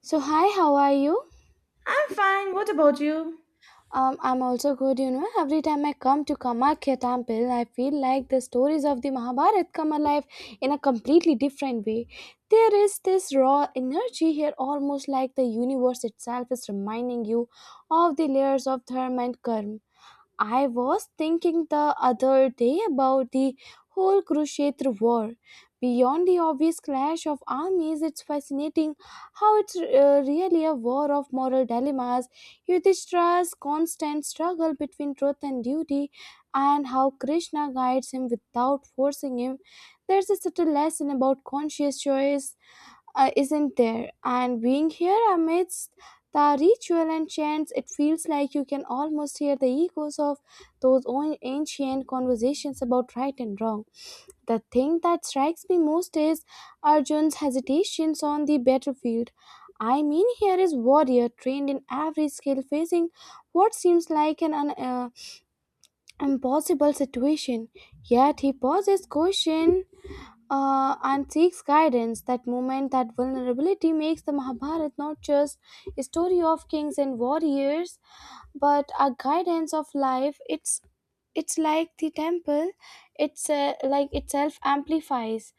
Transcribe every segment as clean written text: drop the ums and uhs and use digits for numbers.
So hi, how are you? I'm fine. What about you? I'm also good. You know, every time I come to Kamakhya Temple, I feel like the stories of the Mahabharata come alive in a completely different way. There is this raw energy here, almost like the universe itself is reminding you of the layers of dharma and karma. I was thinking the other day about the whole Kurukshetra war. Beyond the obvious clash of armies, it's fascinating how it's really a war of moral dilemmas, Yudhishthira's constant struggle between truth and duty, and how Krishna guides him without forcing him. There's a subtle lesson about conscious choice, isn't there? And being here amidst the ritual and chants, it feels like you can almost hear the echoes of those old ancient conversations about right and wrong. The thing that strikes me most is Arjun's hesitations on the battlefield. I mean, here is warrior trained in every skill, facing what seems like an impossible situation. Yet he pauses, question, and seeks guidance. That moment, that vulnerability makes the Mahabharata not just a story of kings and warriors, but a guidance of life. It's like the temple. It's like itself amplifies,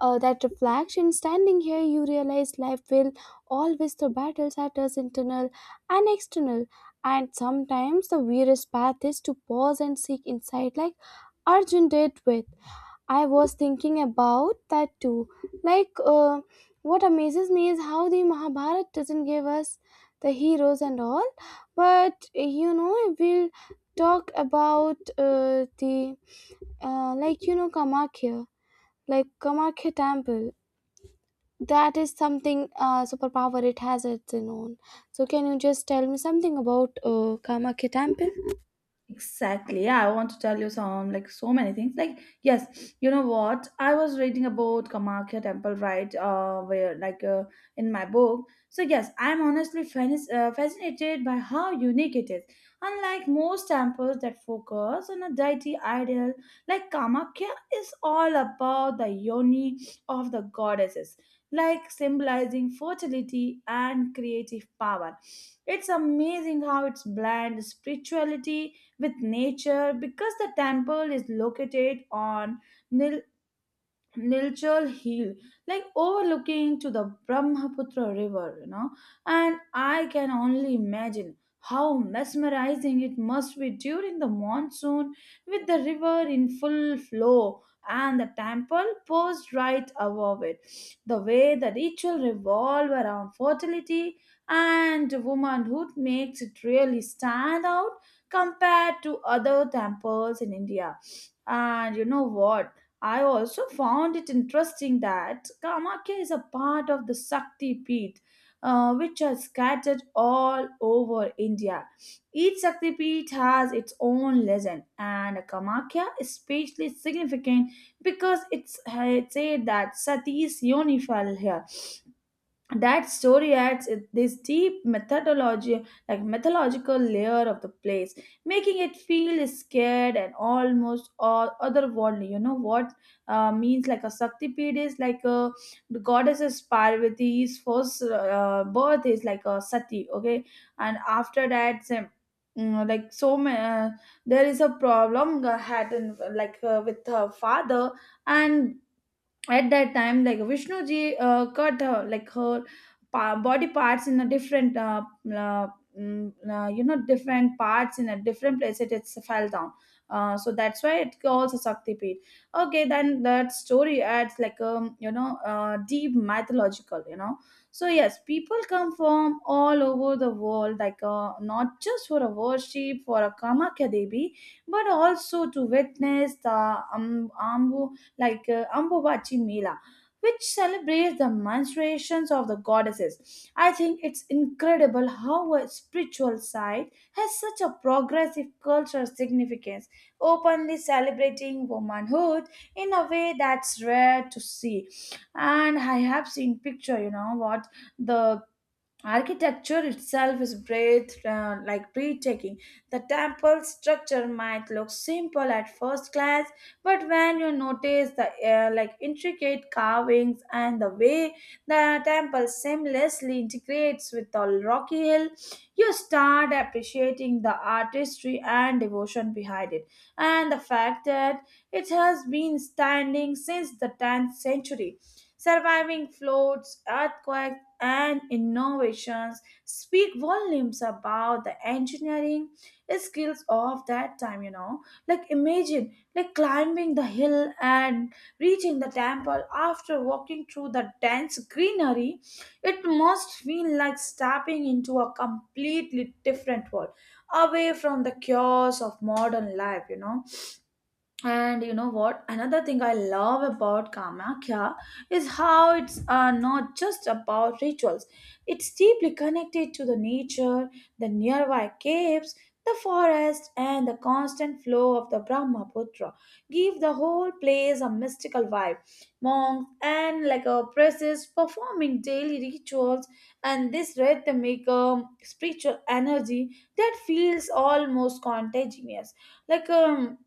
that reflection. Standing here, you realize life will always the battles at us internal and external. And sometimes the weirdest path is to pause and seek insight, like Arjun did with. I was thinking about that too. Like, what amazes me is how the Mahabharata doesn't give us the heroes and all, but you know, we'll talk about the like you know Kamakya, like Kamakya temple. That is something, superpower. It has its own. So, can you just tell me something about Kamakya temple? Exactly. Yeah, I want to tell you some like so many things. Like, yes, you know what? I was reading about Kamakya temple, right? Where like in my book. So yes, I'm honestly fascinated by how unique it is. Unlike most temples that focus on a deity idol, like Kamakya is all about the yoni of the goddesses, like symbolizing fertility and creative power. It's amazing how it's blend spirituality with nature because the temple is located on Nil Nilchal Hill, like overlooking to the Brahmaputra River. And I can only imagine how mesmerizing it must be during the monsoon with the river in full flow and the temple posed right above it. The way the ritual revolve around fertility and womanhood makes it really stand out compared to other temples in India. And you know what? I also found it interesting that Kamakya is a part of the Sakti Peeth, which are scattered all over India. Each Sakti Peeth has its own legend, and Kamakya is especially significant because it said that Sati is unified here. That story adds this deep methodology like mythological layer of the place, making it feel scared and almost all otherworldly. You know what, means like a Saktipid is like a the goddesses parvati's first birth is like a sati. Okay, and after that same like so many, there is a problem had in, like with her father, and at that time like vishnuji cut her like her body parts in a different uh, you know, different parts in a different place, it's fell down. So that's why it calls a shakti pit. Okay, then that story adds like you know, deep mythological. So yes, people come from all over the world, like not just for a worship for a kamakya devi, but also to witness the um, ambu Ambubachi Mela, which celebrates the menstruations of the goddesses. I think it's incredible how a spiritual side has such a progressive cultural significance, openly celebrating womanhood in a way that's rare to see. And I have seen picture, you know what, the architecture itself is breathtaking. The temple structure might look simple at first glance, but when you notice the like intricate carvings and the way the temple seamlessly integrates with the rocky hill, you start appreciating the artistry and devotion behind it, and the fact that it has been standing since the 10th century, surviving floods, earthquakes and innovations speak volumes about the engineering skills of that time. Like imagine like climbing the hill and reaching the temple after walking through the dense greenery, it must feel like stepping into a completely different world away from the chaos of modern life. And you know what? Another thing I love about Kamakya is how it's not just about rituals. It's deeply connected to the nature, the nearby caves, the forest, and the constant flow of the Brahmaputra. Give the whole place a mystical vibe. Monks and like a priests performing daily rituals, and this rhythm make a spiritual energy that feels almost contagious. Like um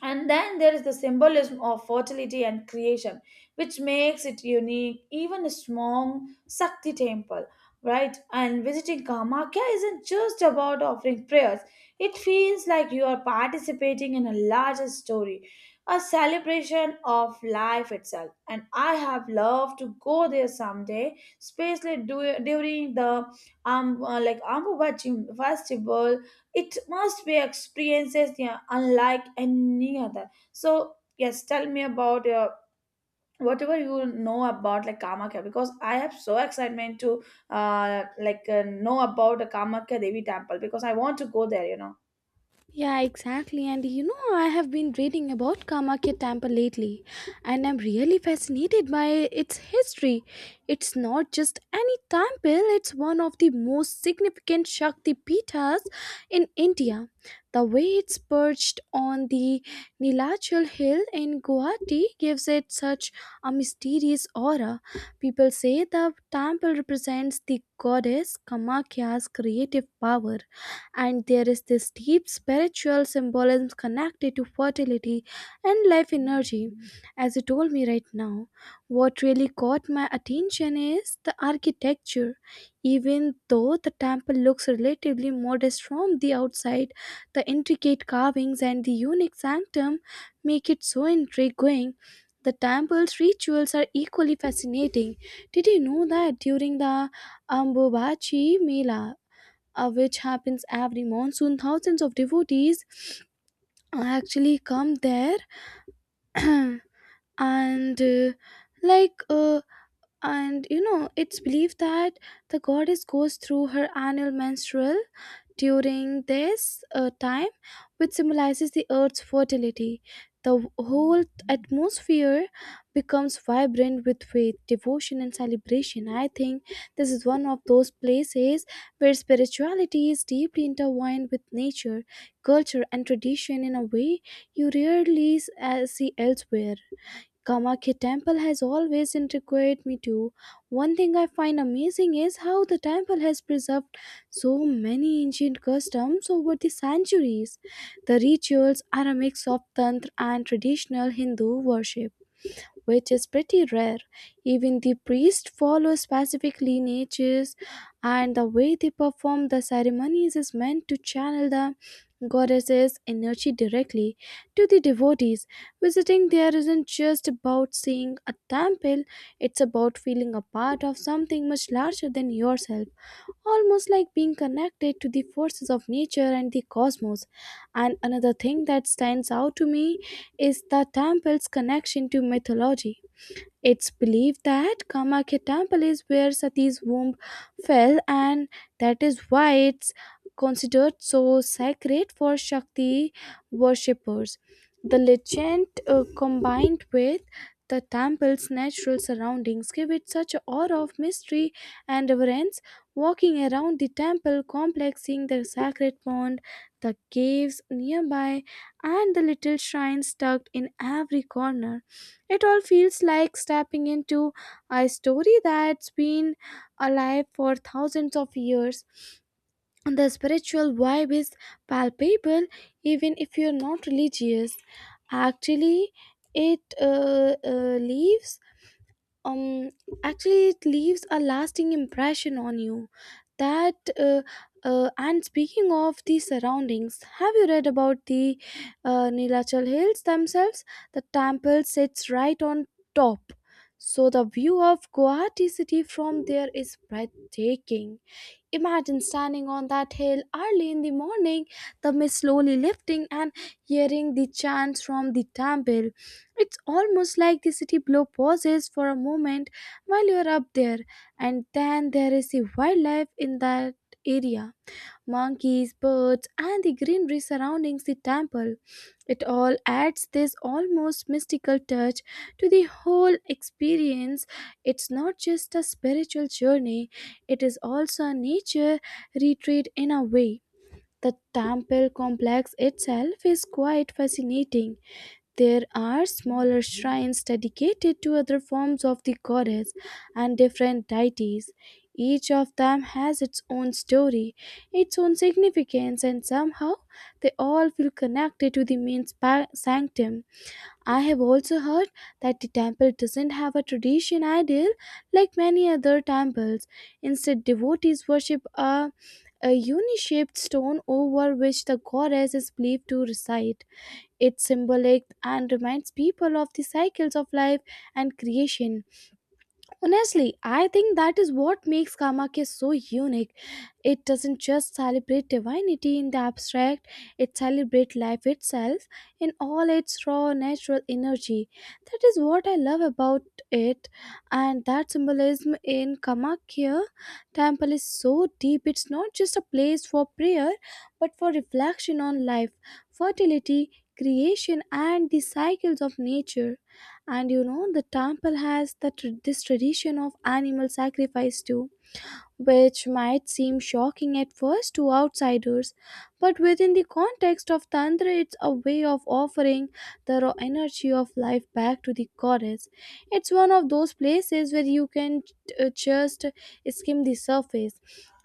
and then there is the symbolism of fertility and creation, which makes it unique, even a strong Sakti temple, right? And visiting Kamakya isn't just about offering prayers, it feels like you are participating in a larger story, a celebration of life itself. And I have loved to go there someday, especially during the Ambubachim festival. It must be experiences, yeah, unlike any other. So yes, tell me about whatever you know about like Kamakya, because I have so excitement to know about the Kamakya Devi temple, because I want to go there. Yeah, exactly. And you know, I have been reading about Kamakya Temple lately, and I'm really fascinated by its history. It's not just any temple, it's one of the most significant Shakti Pithas in India. The way it's perched on the Nilachal Hill in Guwahati gives it such a mysterious aura. People say the temple represents the goddess Kamakya's creative power and there is this deep spiritual symbolism connected to fertility and life energy. As you told me right now, what really caught my attention is the architecture. Even though the temple looks relatively modest from the outside, the intricate carvings and the unique sanctum make it so intriguing. The temple's rituals are equally fascinating. Did you know that during the Ambubachi Mela, which happens every monsoon. Thousands of devotees actually come there, and uh, like and you know, it's believed that the goddess goes through her annual menstrual during this time, which symbolizes the Earth's fertility. The whole atmosphere becomes vibrant with faith, devotion, and celebration. I think this is one of those places where spirituality is deeply intertwined with nature, culture, and tradition in a way you rarely see elsewhere. Kamakya temple has always intrigued me too. One thing I find amazing is how the temple has preserved so many ancient customs over the centuries. The rituals are a mix of tantra and traditional Hindu worship which is pretty rare. Even the priests follow specific lineages, and the way they perform the ceremonies is meant to channel the goddess's energy directly to the devotees. Visiting there isn't just about seeing a temple, it's about feeling a part of something much larger than yourself, almost like being connected to the forces of nature and the cosmos. And another thing that stands out to me is the temple's connection to mythology. It's believed that Kamakya temple is where Sati's womb fell and that is why it's considered so sacred for Shakti worshippers. The legend, combined with the temple's natural surroundings give it such an aura of mystery and reverence. Walking around the temple complex, seeing the sacred pond, the caves nearby, and the little shrines tucked in every corner it all feels like stepping into a story that's been alive for thousands of years. The spiritual vibe is palpable even if you're not religious. Actually, it leaves, um actually it leaves a lasting impression on you that. And speaking of the surroundings have you read about the, Nilachal hills themselves, the temple sits right on top, so the view of Guwahati city from there is breathtaking. Imagine standing on that hill early in the morning, the mist slowly lifting, and hearing the chants from the temple. It's almost like the city below pauses for a moment while you're up there, and then there is the wildlife in that area, monkeys, birds, and the greenery surrounding the temple. It all adds this almost mystical touch to the whole experience. It's not just a spiritual journey, it is also a nature retreat in a way. The temple complex itself is quite fascinating, there are smaller shrines dedicated to other forms of the goddess and different deities. Each of them has its own story, its own significance, and somehow they all feel connected to the main sanctum. I have also heard that the temple doesn't have a tradition ideal like many other temples. Instead, devotees worship a uni shaped stone over which the goddess is believed to reside. It's symbolic and reminds people of the cycles of life and creation. Honestly, I think that is what makes Kamakya so unique. It doesn't just celebrate divinity in the abstract, it celebrates life itself in all its raw natural energy. That is what I love about it, and that symbolism in Kamakya temple is so deep. It's not just a place for prayer, but for reflection on life, fertility, creation, and the cycles of nature. And you know, the temple has this tradition of animal sacrifice too, which might seem shocking at first to outsiders, but within the context of Tantra, it's a way of offering the raw energy of life back to the goddess. It's one of those places where you can just skim the surface.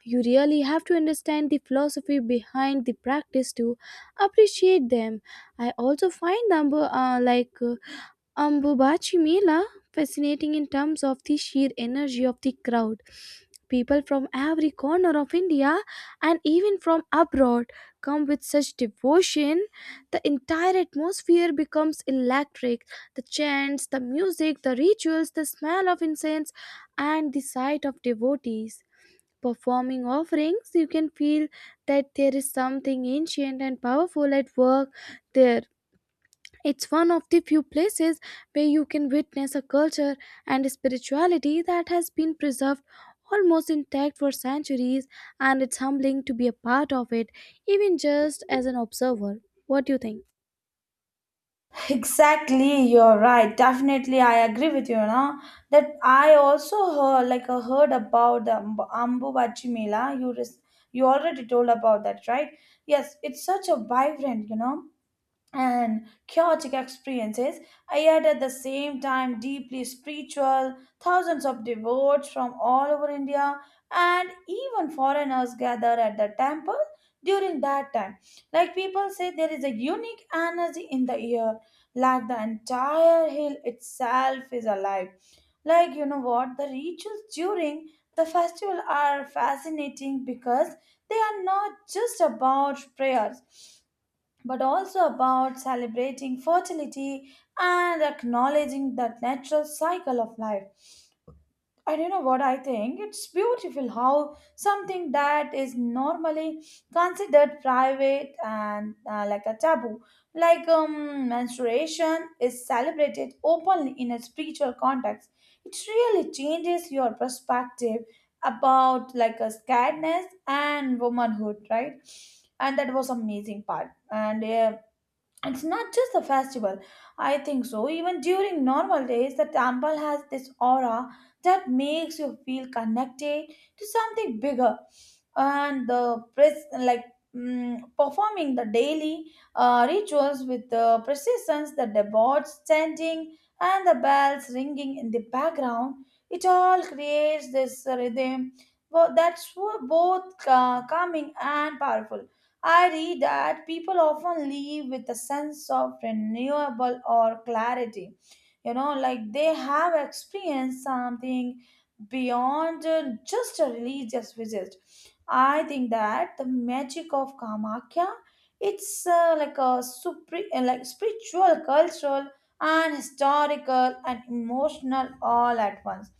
You really have to understand the philosophy behind the practice to appreciate them. I also find them like Bobachi Mela, fascinating in terms of the sheer energy of the crowd. People from every corner of India and even from abroad come with such devotion. The entire atmosphere becomes electric. The chants, the music, the rituals, the smell of incense, and the sight of devotees. Performing offerings, you can feel that there is something ancient and powerful at work there, it's one of the few places where you can witness a culture and spirituality that has been preserved almost intact for centuries, and it's humbling to be a part of it, even just as an observer. What do you think? Exactly, you're right. Definitely, I agree with you. Now that I also heard about the Ambubachi Mela. You already told about that, right? Yes, it's such a vibrant, and chaotic experiences, yet at the same time deeply spiritual. Thousands of devotees from all over India and even foreigners gather at the temple during that time. Like people say, there is a unique energy in the air, like the entire hill itself is alive. Like, the rituals during the festival are fascinating because they are not just about prayers but also about celebrating fertility and acknowledging that natural cycle of life. I don't know what I think? It's beautiful how something that is normally considered private and like a taboo, like menstruation, is celebrated openly in a spiritual context. It really changes your perspective about like a scaredness and womanhood, right? And that was amazing part. And yeah, it's not just a festival. I think so. Even during normal days, the temple has this aura that makes you feel connected to something bigger. And the performing the daily rituals with the precisions, the devotees chanting, and the bells ringing in the background, it all creates this rhythm that's both calming and powerful. I read that people often leave with a sense of renewable or clarity. Like they have experienced something beyond just a religious visit. I think that the magic of Kamakya, it's like a spiritual, cultural, and historical and emotional all at once.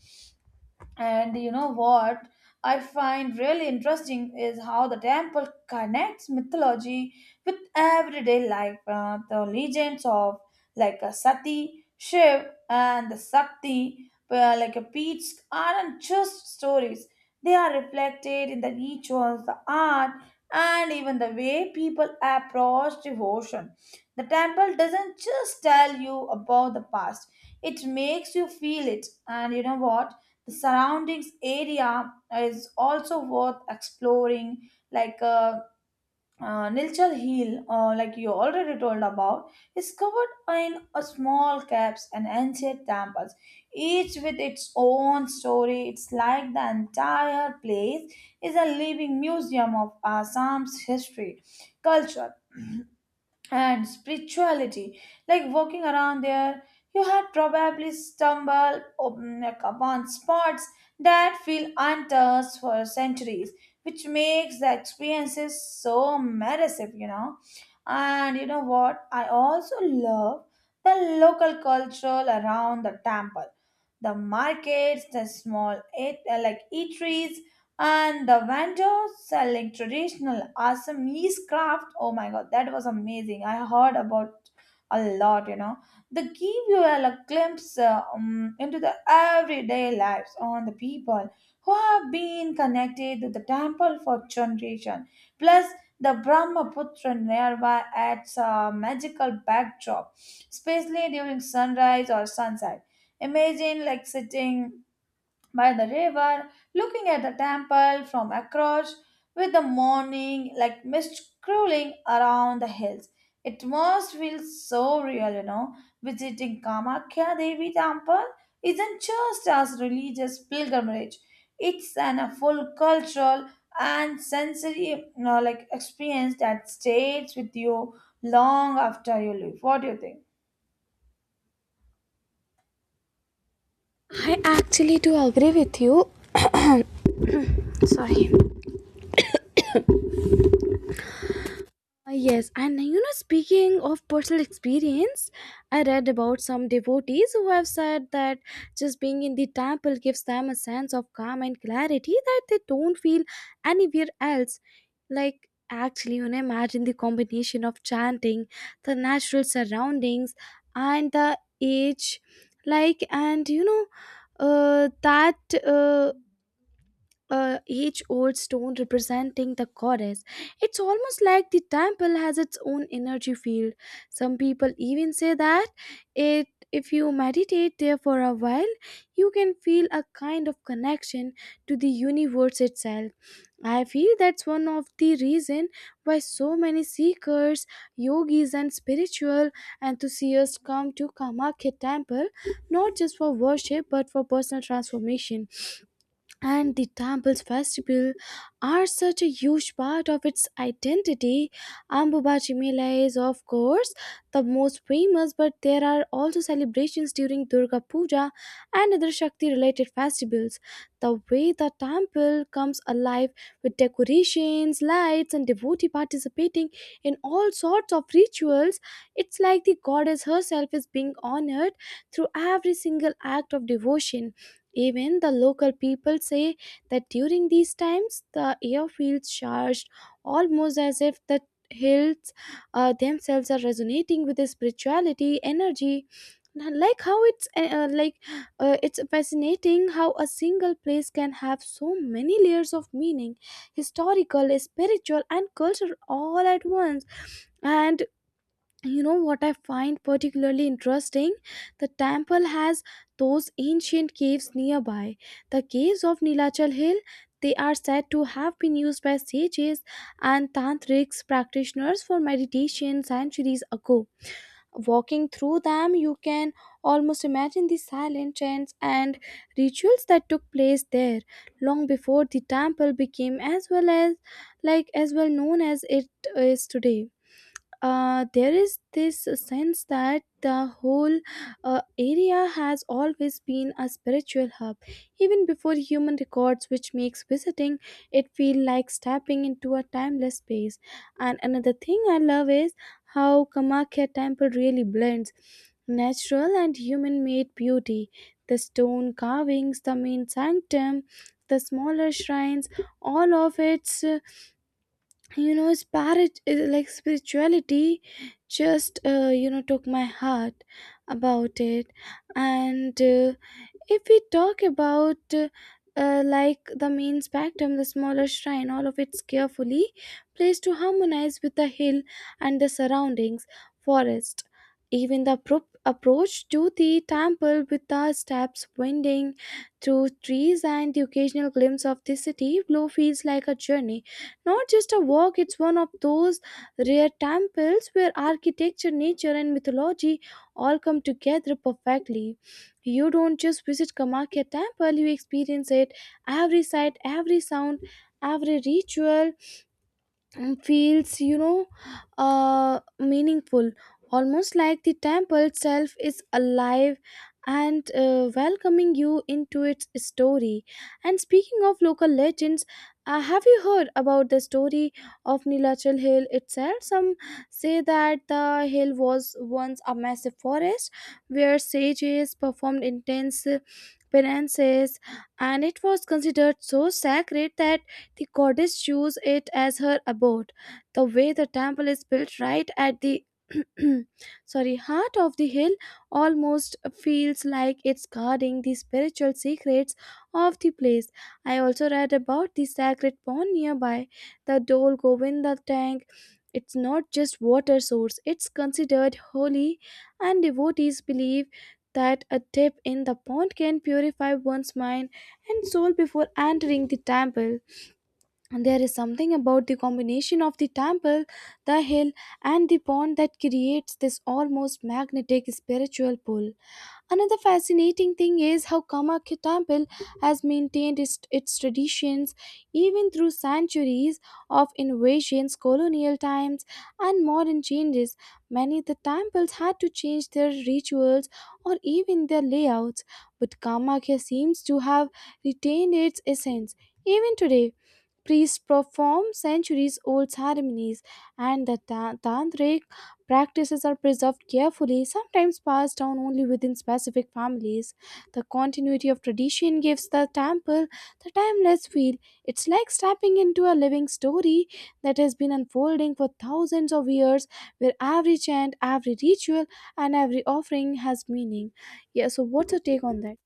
And you know what I find really interesting is how the temple connects mythology with everyday life. The legends of like a Sati, Shiv, and the Sakti, like a Peach, aren't just stories. They are reflected in the rituals, the art, and even the way people approach devotion. The temple doesn't just tell you about the past, it makes you feel it. And you know what? The surroundings area is also worth exploring, like Nilchal Hill, like you already told about, is covered in a small caves and ancient temples, each with its own story. It's like the entire place is a living museum of Assam's history, culture, and spirituality. Like walking around there, you had probably stumbled upon spots that feel untouched for centuries, which makes the experiences so immersive. And you know what, I also love the local culture around the temple, the markets, the small eateries, and the vendor selling traditional Assamese craft. Oh my god, that was amazing. I heard about a lot. They give you a glimpse into the everyday lives on the people who have been connected to the temple for generation. Plus, the Brahmaputra nearby adds a magical backdrop, especially during sunrise or sunset. Imagine like sitting by the river, looking at the temple from across, with the morning like mist crawling around the hills. It must feel so real. Visiting Kamakya Devi temple isn't just as religious pilgrimage; it's an a full cultural and sensory, like experience that stays with you long after you leave. What do you think? I actually do agree with you. Sorry. Yes, and you know, speaking of personal experience, I read about some devotees who have said that just being in the temple gives them a sense of calm and clarity that they don't feel anywhere else. Like, actually, you know, imagine the combination of chanting, the natural surroundings, and the age. Like, and you know, that. Uh, each old stone representing the goddess. It's almost like the temple has its own energy field. Some people even say that it if you meditate there for a while, you can feel a kind of connection to the universe itself. I feel that's one of the reason why so many seekers, yogis and spiritual enthusiasts come to Kamakya temple not just for worship but for personal transformation, and the temple's festival are such a huge part of its identity. Ambubachi Mela is, of course, the most famous, but there are also celebrations during Durga Puja and other Shakti related festivals. The way the temple comes alive with decorations, lights, and devotee participating in all sorts of rituals, it's like the goddess herself is being honored through every single act of devotion. Even the local people say that during these times the air feels charged, almost as if the hills, themselves are resonating with the spirituality energy. Like how it's fascinating how a single place can have so many layers of meaning, historical, spiritual, and cultural all at once. And you know what I find particularly interesting, the temple has those ancient caves nearby, the caves of Nilachal Hill, they are said to have been used by sages and tantrics practitioners for meditation centuries ago. Walking through them you can almost imagine the silent chants and rituals that took place there long before the temple became as well known as it is today. There is this sense that the whole, area has always been a spiritual hub, even before human records, which makes visiting it feel like stepping into a timeless space. And another thing I love is how Kamakya temple really blends natural and human made beauty. The stone carvings, the main sanctum, the smaller shrines, all of its spirit is like spirituality just took my heart about it and if we talk about like the main spectrum the smaller shrine all of it's carefully placed to harmonize with the hill and the surroundings forest. Even the approach to the temple, with the steps winding through trees and the occasional glimpse of the city below, feels like a journey, not just a walk. It's one of those rare temples where architecture, nature and mythology all come together perfectly. You don't just visit Kamakya temple, you experience it. Every sight, every sound, every ritual, and feels meaningful, almost like the temple itself is alive and welcoming you into its story. And speaking of local legends, have you heard about the story of Nilachal Hill itself? Some say that the hill was once a massive forest where sages performed intense penances, and it was considered so sacred that the goddess chose it as her abode. The way the temple is built right at the sorry heart of the hill almost feels like it's guarding the spiritual secrets of the place. I also read about the sacred pond nearby, the dol govinda tank. It's not just water source, it's considered holy, and devotees believe that a dip in the pond can purify one's mind and soul before entering the temple. And there is something about the combination of the temple, the hill, and the pond that creates this almost magnetic spiritual pull. Another fascinating thing is how Kamakya Temple has maintained its traditions even through centuries of invasions, colonial times, and modern changes. Many of the temples had to change their rituals or even their layouts, but Kamakya seems to have retained its essence. Even today, priests perform centuries old ceremonies, and the tantric practices are preserved carefully, sometimes passed down only within specific families. The continuity of tradition gives the temple the timeless feel. It's like stepping into a living story that has been unfolding for thousands of years, where every chant, every ritual, and every offering has meaning. Yeah, so what's your take on that?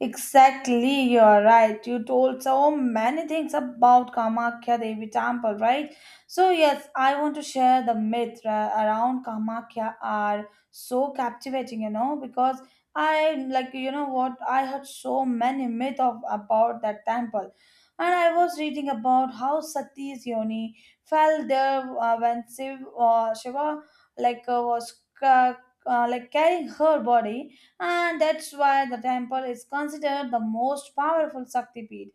Exactly, you're right. You told so many things about Kamakhya Devi temple, right? So yes, I want to share the myth around Kamakhya are so captivating, because I like you know what I heard so many myth of about that temple, and I was reading about how Sati's yoni fell there when Shiva was ca- carrying her body, and that's why the temple is considered the most powerful Shaktipeeth.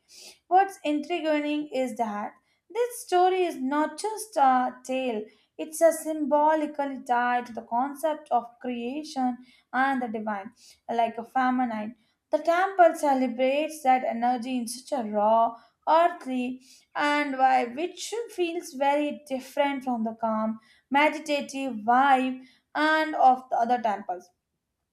What's intriguing is that this story is not just a tale, it's a symbolically tied to the concept of creation and the divine, like a feminine. The temple celebrates that energy in such a raw, earthly, and vibe which feels very different from the calm, meditative vibe and of the other temples,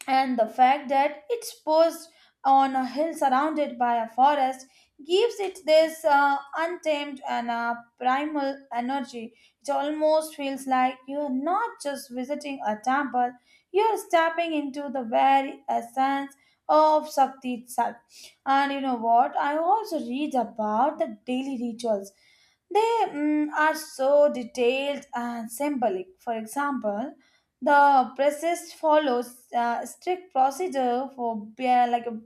and the fact that it's posed on a hill surrounded by a forest gives it this untamed and primal energy. It almost feels like you're not just visiting a temple, you're stepping into the very essence of Shakti itself. And you know what? I also read about the daily rituals. They are so detailed and symbolic. For example, the process follows strict procedure for like a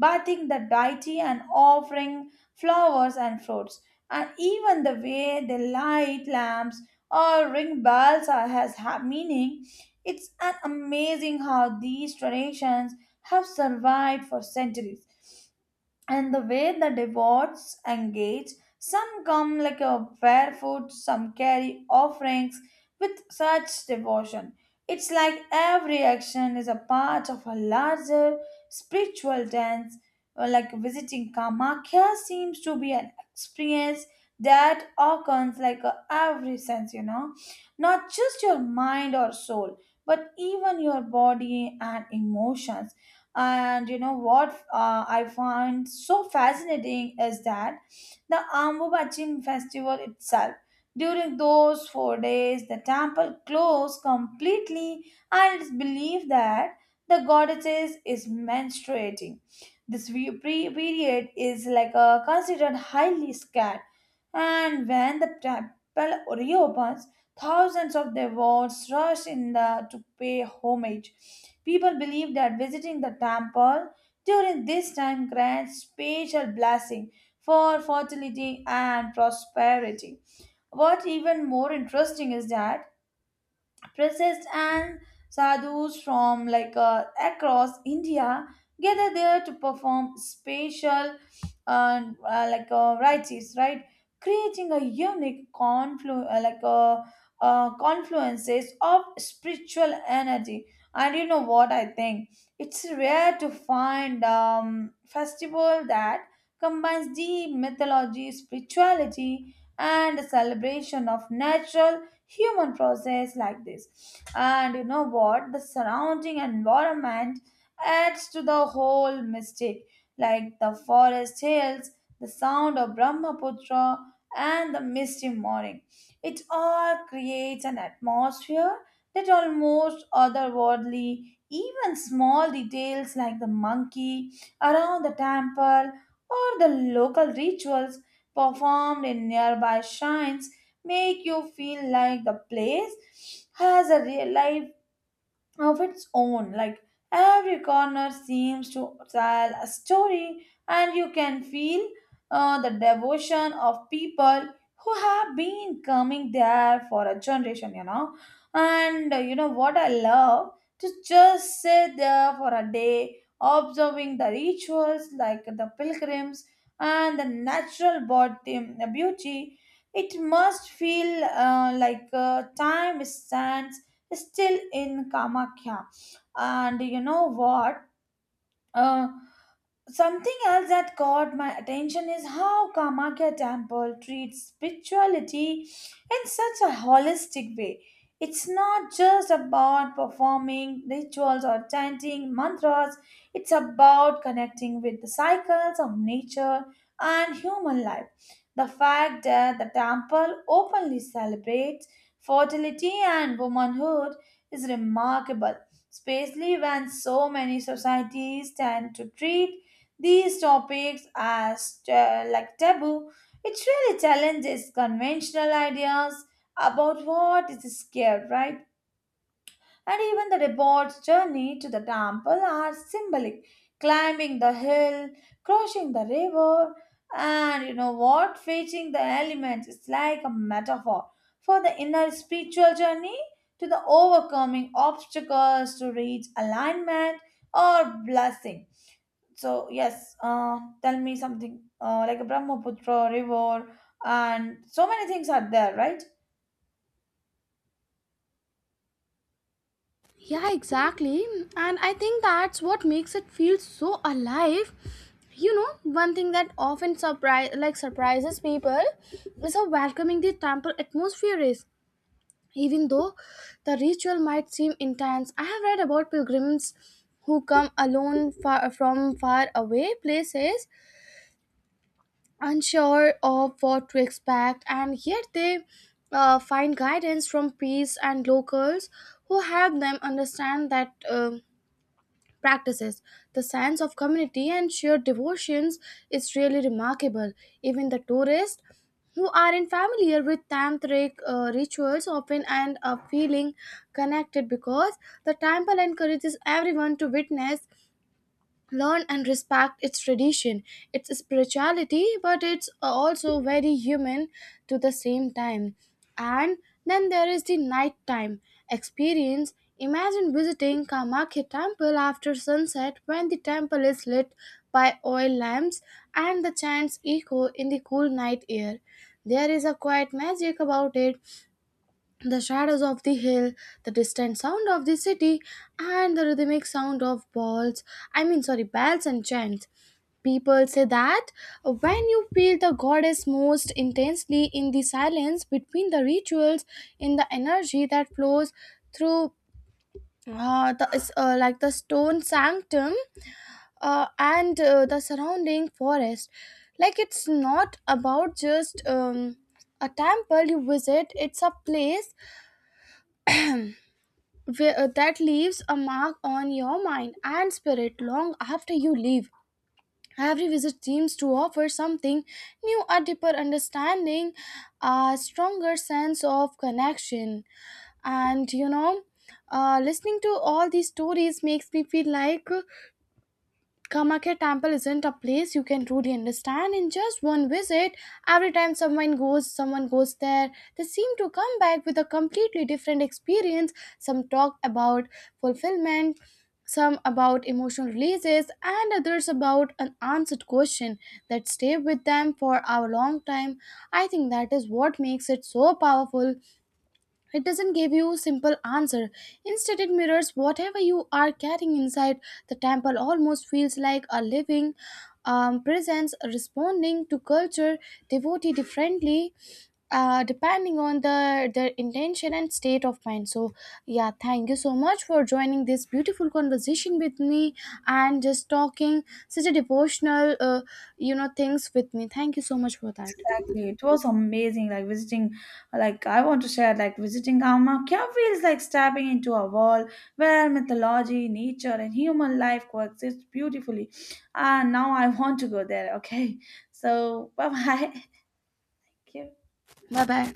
bathing the deity and offering flowers and fruits. And even the way the light lamps or ring bells are, has meaning. It's an amazing how these traditions have survived for centuries, and the way the devotees engage, some come like a barefoot, some carry offerings with such devotion. It's like every action is a part of a larger spiritual dance. Or like visiting Kamakhya seems to be an experience that occurs like a every sense, you know, not just your mind or soul but even your body and emotions. And you know what, I find so fascinating is that the Ambubachin festival itself. During those 4 days, the temple closed completely, and it's believed that the goddesses is menstruating. This period is like a considered highly scared, and when the temple reopens, thousands of devotees rush to pay homage. People believe that visiting the temple during this time grants special blessing for fertility and prosperity. What even more interesting is that priests and sadhus from like across India gather there to perform special uh, rites, right? Creating a unique confluences of spiritual energy. And you know what I think? It's rare to find festival that combines deep mythology, spirituality, and celebration of natural human process like this. And you know what, the surrounding environment adds to the whole mystic, like the forest hills, the sound of Brahmaputra, and the misty morning, it all creates an atmosphere that almost otherworldly. Even small details like the monkey around the temple or the local rituals performed in nearby shrines make you feel like the place has a real life of its own. Like every corner seems to tell a story, and you can feel the devotion of people who have been coming there for a generation. And you know what, I love to just sit there for a day, observing the rituals like the pilgrims and the natural body beauty. It must feel time stands still in Kamakya. And you know what? Uh, Something else that caught my attention is how Kamakya temple treats spirituality in such a holistic way. It's not just about performing rituals or chanting mantras, it's about connecting with the cycles of nature and human life. The fact that the temple openly celebrates fertility and womanhood is remarkable, especially when so many societies tend to treat these topics are like taboo. It really challenges conventional ideas about what is scared, right? And even the robot's journey to the temple are symbolic. Climbing the hill, crossing the river, and you know what? Facing the elements is like a metaphor for the inner spiritual journey to the overcoming obstacles to reach alignment or blessing. So yes, tell me something like a Brahmaputra river, and so many things are there, right? Yeah, exactly. And I think that's what makes it feel so alive. You know, one thing that often surprises people is how welcoming the temple atmosphere is. Even though the ritual might seem intense, I have read about pilgrims who come alone far, from far away places, unsure of what to expect, and yet they find guidance from priests and locals who help them understand that. Um practices. The sense of community and shared devotions is really remarkable. Even the tourists who aren't familiar with tantric rituals often end up feeling connected, because the temple encourages everyone to witness, learn and respect its tradition, its spirituality, but it's also very human to the same time. And then there is the nighttime experience. Imagine visiting Kamakya temple after sunset, when the temple is lit by oil lamps and the chants echo in the cool night air. There is a quiet magic about it, the shadows of the hill, the distant sound of the city, and the rhythmic sound of balls, I mean, sorry, bells and chants. People say that when you feel the goddess most intensely in the silence between the rituals, in the energy that flows through like the stone sanctum and the surrounding forest. Like it's not about just a temple you visit, it's a place that leaves a mark on your mind and spirit long after you leave. Every visit seems to offer something new, a deeper understanding, a stronger sense of connection. And you know, listening to all these stories makes me feel like Kamakya Temple isn't a place you can truly understand in just one visit. Every time someone goes there, they seem to come back with a completely different experience. Some talk about fulfillment, some about emotional releases, and others about an answered question that stay with them for a long time. I think that is what makes it so powerful. It doesn't give you a simple answer. Instead, it mirrors whatever you are carrying inside. The temple almost feels like a living presence responding to culture, devotee differently, depending on the their intention and state of mind. So, yeah, thank you so much for joining this beautiful conversation with me and just talking such a devotional, things with me. Thank you so much for that. Exactly. It was amazing, like visiting, like I want to share, like visiting Kamakya feels like stepping into a world where mythology, nature, and human life coexist beautifully. And now I want to go there. Okay, so bye bye. Bye bye.